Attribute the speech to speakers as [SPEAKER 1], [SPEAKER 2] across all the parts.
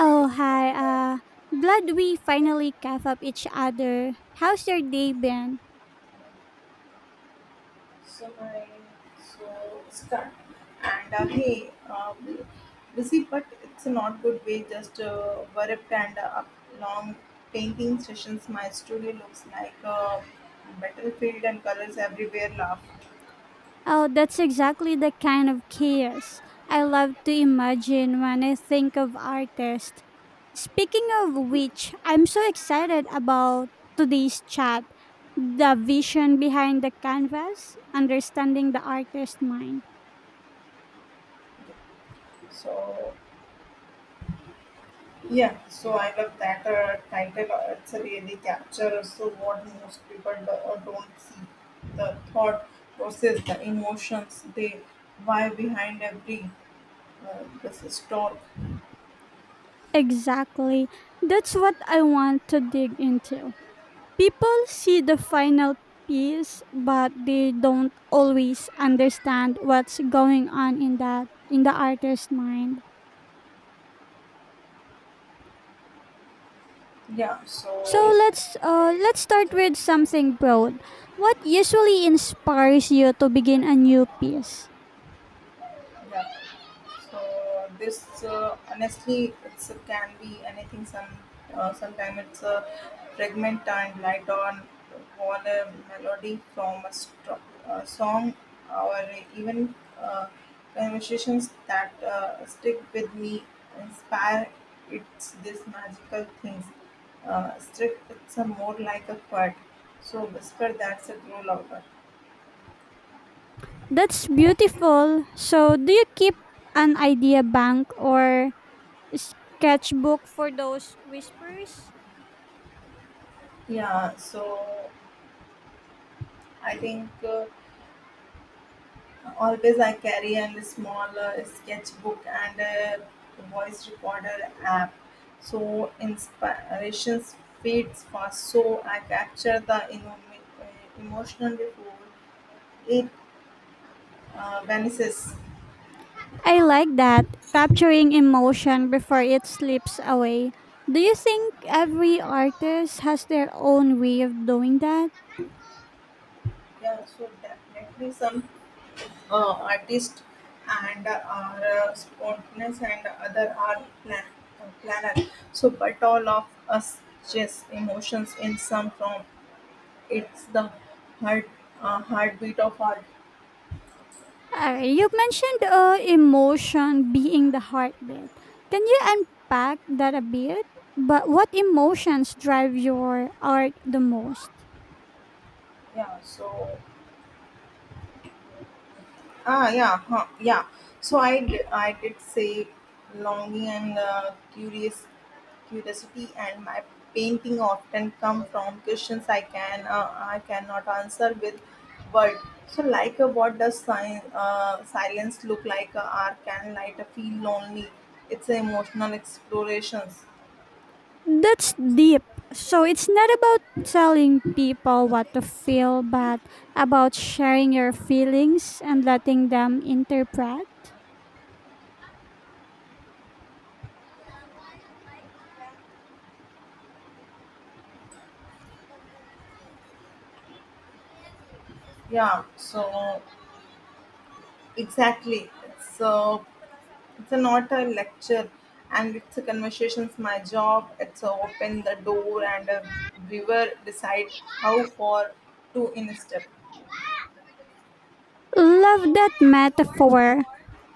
[SPEAKER 1] So
[SPEAKER 2] hi.
[SPEAKER 1] my,
[SPEAKER 2] Glad we finally caught up each other. How's your day been?
[SPEAKER 1] so so stuck. And hey, busy, but it's not good way. Just worked and long painting sessions. My studio looks like a battlefield and colors everywhere. Laugh.
[SPEAKER 2] Oh, that's exactly the kind of chaos I love to imagine when I think of artists. Speaking of which, I'm so excited about today's chat. The vision behind the canvas, understanding the artist's mind.
[SPEAKER 1] So yeah, so I love that title. It's a really capture. So what most people do, don't see the thought process, the emotions, they why behind every uh, this is torque.
[SPEAKER 2] Exactly. That's what I want to dig into. People see the final piece, but they don't always understand what's going on in that in the artist's mind.
[SPEAKER 1] yeah
[SPEAKER 2] So
[SPEAKER 1] So
[SPEAKER 2] let's start with something broad. What usually inspires you to begin a new piece?
[SPEAKER 1] yeah so this honestly it's can be anything some sometimes it's a fragment time light on a melody from a song or even conversations that stick with me inspire it's this magical things strict it's a more like a quad so whisper that's a grow louder.
[SPEAKER 2] That's beautiful. So do you keep an idea bank or sketchbook for those whispers?
[SPEAKER 1] Yeah, so I think always I carry a small sketchbook and a voice recorder app. So inspirations fades fast. So I capture the uh, emotional before it vanishes.
[SPEAKER 2] I like that, capturing emotion before it slips away. Do you think every artist has their own way of doing that?
[SPEAKER 1] Yeah, so definitely some artists and are spontaneous and other are planner. So, but all of us just emotions in some form. It's the heart heartbeat of our.
[SPEAKER 2] You mentioned emotion being the heartbeat. Can you unpack that a bit? But what emotions drive your art the most?
[SPEAKER 1] Yeah. Yeah. So I did say longing and curious curiosity and my painting often come from questions I cannot answer with word. So like what does silence look like? Or can light feel lonely? It's emotional explorations.
[SPEAKER 2] That's deep. So it's not about telling people what to feel, but about sharing your feelings and letting them interpret.
[SPEAKER 1] Yeah. So exactly. It's a not a lecture and it's a conversations. My job, it's a open the door and a viewer decide how far to in a step.
[SPEAKER 2] Love that metaphor.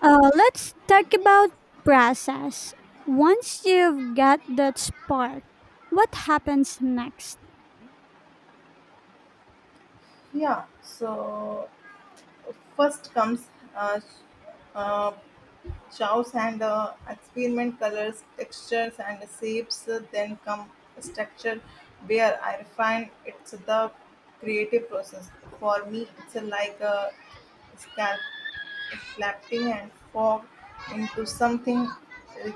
[SPEAKER 2] Let's talk about process. Once you've got that spark, what happens next?
[SPEAKER 1] Yeah, so first comes uh, uh, chows and experiment colors, textures and shapes. Then come structure where I refine it's the creative process. For me, it's like a scalpel collapsing and formed into something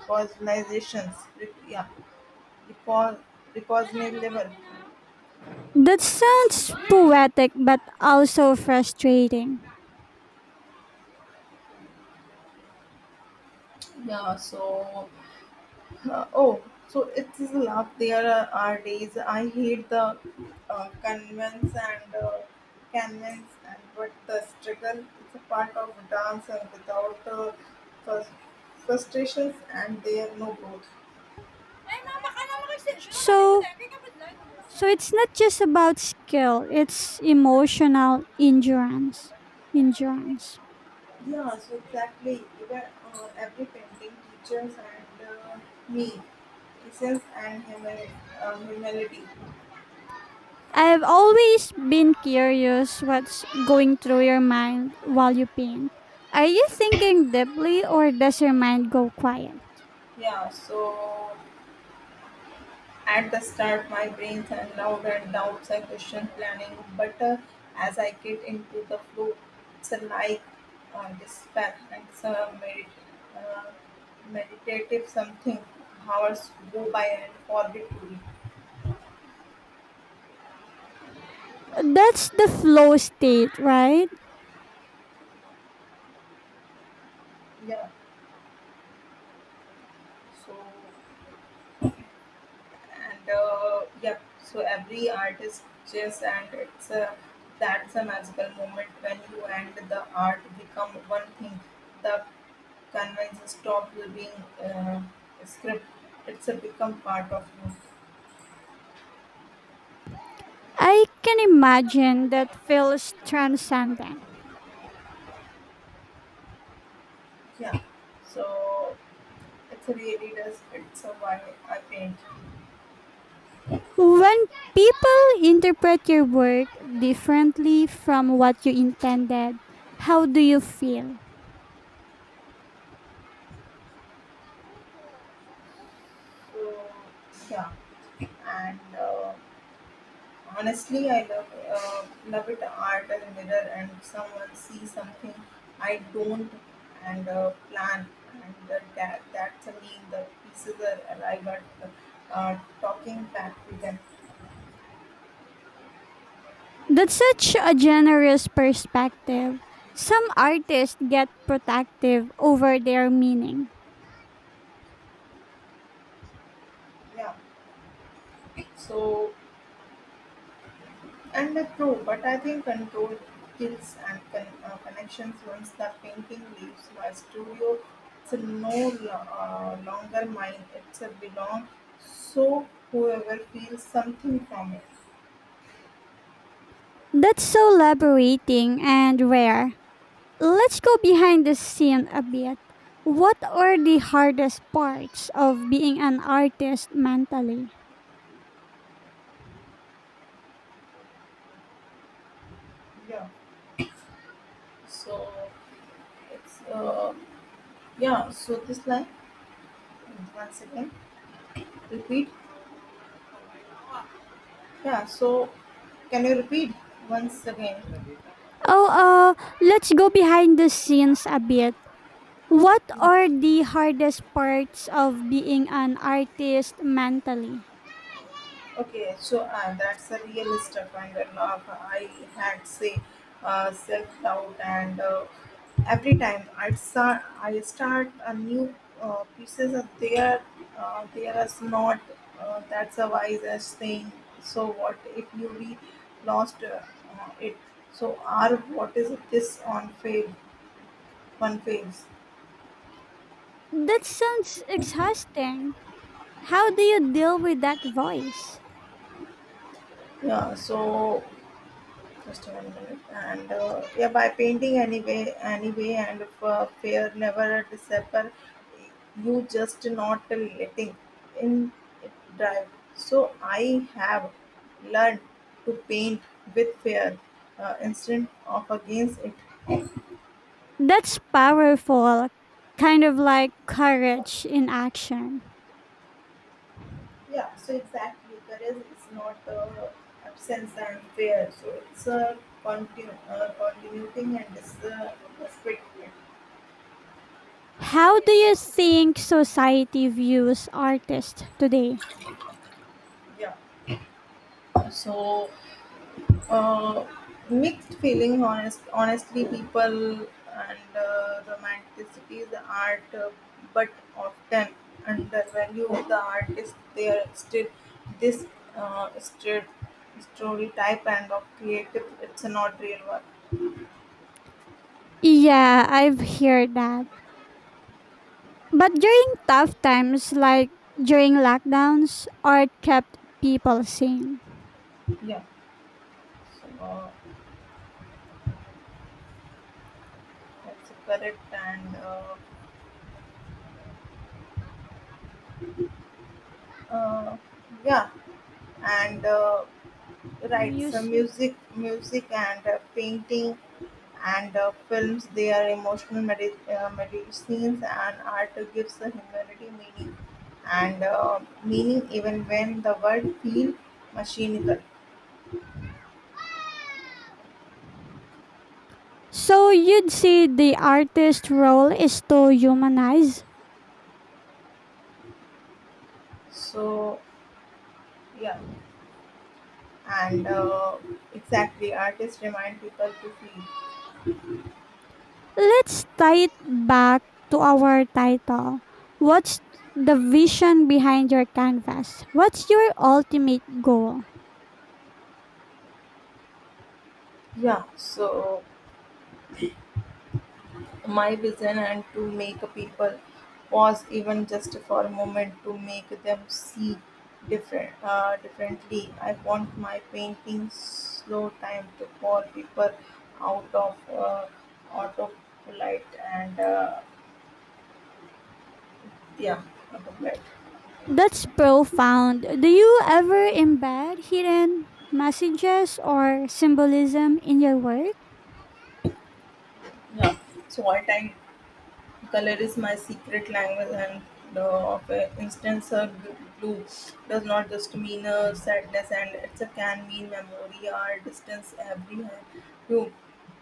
[SPEAKER 1] recognizations, rec- yeah, recog- recognizable.
[SPEAKER 2] That sounds poetic but also frustrating.
[SPEAKER 1] Yeah, so Uh, oh, so it is love. Are days I hate the uh, convince and uh, convince, and but the struggle is a part of dance, and without frus- frustrations, and there are no growth.
[SPEAKER 2] So, so it's not just about skill; it's emotional endurance. Endurance.
[SPEAKER 1] Yeah, so exactly. Even every painting teachers and me essence and humility.
[SPEAKER 2] I've always been curious what's going through your mind while you paint. Are you thinking deeply or does your mind go quiet?
[SPEAKER 1] Yeah, so at the start, my brains and loud and doubts, I question planning, but as I get into the flow, it's a like despair and some uh, meditative something. Hours go by and forget to it.
[SPEAKER 2] That's the flow state, right?
[SPEAKER 1] Yeah, so and yep so every artist just and it's a that's a magical moment when you and the art become one thing the conventions stop being uh, script it's a become part of you.
[SPEAKER 2] I can imagine that feels transcendent.
[SPEAKER 1] Yeah so it's a really does it's a why I paint.
[SPEAKER 2] When people interpret your work differently from what you intended, how do you feel?
[SPEAKER 1] So yeah and Honestly, I love it art as a mirror and someone sees something I don't and plan and that to me the pieces are arrive at the talking back to them.
[SPEAKER 2] That's such a generous perspective. Some artists get protective over their meaning.
[SPEAKER 1] Yeah. So and true, but I think control kills and connections once the painting leaves my studio. It's no longer mine. It's a belong. So whoever feels something from it.
[SPEAKER 2] That's so liberating and rare. Let's go behind the scene a bit. What are the hardest parts of being an artist mentally?
[SPEAKER 1] Yeah. So it's yeah. So this line, One second. Repeat. Yeah. So Can you repeat once again?
[SPEAKER 2] Oh, let's go behind the scenes a bit. What
[SPEAKER 1] Yeah.
[SPEAKER 2] are the hardest parts of being an artist mentally?
[SPEAKER 1] Okay. So that's a real stuff, and I had say self doubt and Every time I start a new pieces of there, there is not. That's a wise thing. So what if you we lost it? So are what is this on fave? One phase?
[SPEAKER 2] That sounds exhausting. How do you deal with that voice?
[SPEAKER 1] Yeah. So Just one minute. And yeah, by painting anyway, and fear never disappear. You just not letting in it drive. So I have learned to paint with fear instead of against it.
[SPEAKER 2] That's powerful, kind of like courage in action.
[SPEAKER 1] Yeah. So exactly, courage is not absence and fear. So it's a continuing and it's respect.
[SPEAKER 2] How do you think society views artists today?
[SPEAKER 1] Yeah. So Uh, mixed feeling, honestly, people and romanticity, the art, but often undervalue the artist. They are still this uh, stre- stereotype and of creative. It's not real work.
[SPEAKER 2] Yeah, I've heard that. But during tough times like during lockdowns, art kept people sane.
[SPEAKER 1] Yeah, so that's correct and. Uh, yeah, and uh, Right, so
[SPEAKER 2] Music.
[SPEAKER 1] music and painting and films. They are emotional medicines, and art gives the humanity meaning and meaning even when the world feel mechanical.
[SPEAKER 2] So you'd say the artist's role is to humanize?
[SPEAKER 1] So yeah, and exactly, artists remind people to feel.
[SPEAKER 2] Let's tie it back to our title. What's the vision behind your canvas? What's your ultimate goal?
[SPEAKER 1] Yeah, so my vision and to make people pause even just for a moment to make them see different differently. I want my painting slow time to call people out of autopilot and yeah autopilot.
[SPEAKER 2] That's profound. Do you ever embed hidden messages or symbolism in your work?
[SPEAKER 1] Yeah. so all time. Color is my secret language, and for instance, her blue does not just mean a sadness, and it can mean memory or distance. Every hue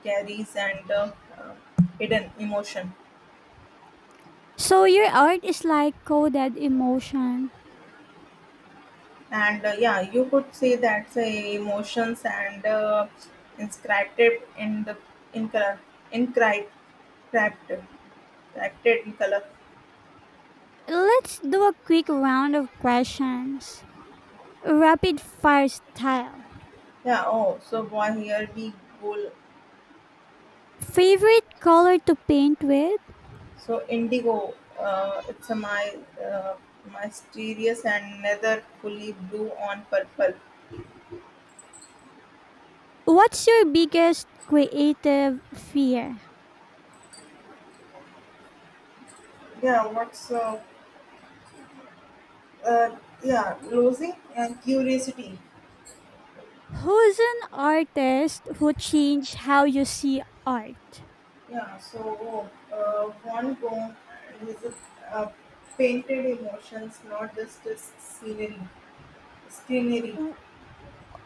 [SPEAKER 1] carries and uh, hidden emotion,
[SPEAKER 2] So your art is like coded emotion.
[SPEAKER 1] and yeah, you could say that's emotions and inscribed it in the in color, inscribed, inscribed, inscribed in color.
[SPEAKER 2] Let's do a quick round of questions. Rapid fire style.
[SPEAKER 1] Yeah. Oh, so boy, here we go.
[SPEAKER 2] Favorite color to paint with?
[SPEAKER 1] So indigo, it's a my mysterious and nether fully blue on purple.
[SPEAKER 2] What's your biggest creative fear?
[SPEAKER 1] Yeah, what's uh yeah, losing and curiosity.
[SPEAKER 2] Who's an artist who changed how you see art?
[SPEAKER 1] Yeah. So Van Gogh is a, uh, painted emotions, not just a scenery.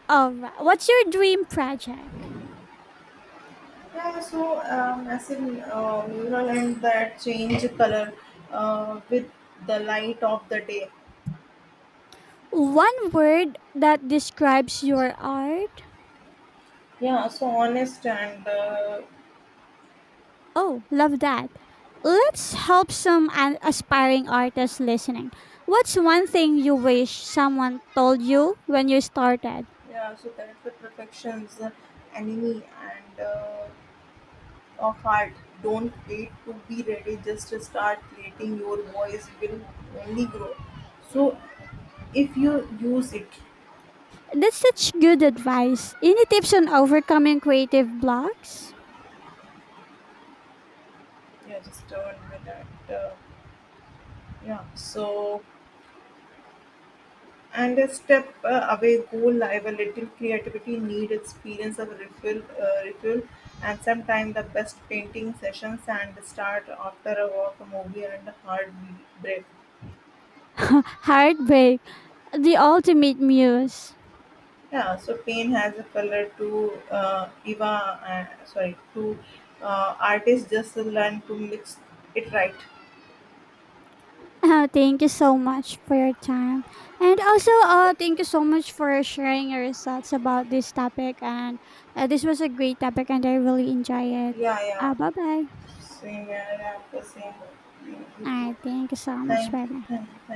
[SPEAKER 2] All right. What's your dream project?
[SPEAKER 1] Yeah. So as in mural and that change color with the light of the day.
[SPEAKER 2] One word that describes your art?
[SPEAKER 1] Yeah, so honest and
[SPEAKER 2] Oh, love that. Let's help some aspiring artists listening. What's one thing you wish someone told you when you started?
[SPEAKER 1] yeah, so that the perfections, enemy and of art. Don't wait to be ready. Just start creating. Your voice will only grow. So if you use it,
[SPEAKER 2] That's such good advice. Any tips on overcoming creative blocks?
[SPEAKER 1] yeah, just turn with that. Uh, yeah, so And a step away goal, I have a little creativity, need experience of refill, and sometimes the best painting sessions and start after a walk, a movie, and a hard break.
[SPEAKER 2] Heartbreak, the ultimate muse.
[SPEAKER 1] Yeah, so pain has a color to sorry, to artists just learn to mix it right.
[SPEAKER 2] Thank you so much for your time. And also, thank you so much for sharing your thoughts about this topic. And this was a great topic, and I really enjoy it.
[SPEAKER 1] Yeah, yeah,
[SPEAKER 2] Bye bye.
[SPEAKER 1] same, yeah, yeah, the same. You
[SPEAKER 2] All
[SPEAKER 1] too.
[SPEAKER 2] right. Thank you so much.
[SPEAKER 1] Thank
[SPEAKER 2] Bye
[SPEAKER 1] you,
[SPEAKER 2] bye.
[SPEAKER 1] thank you.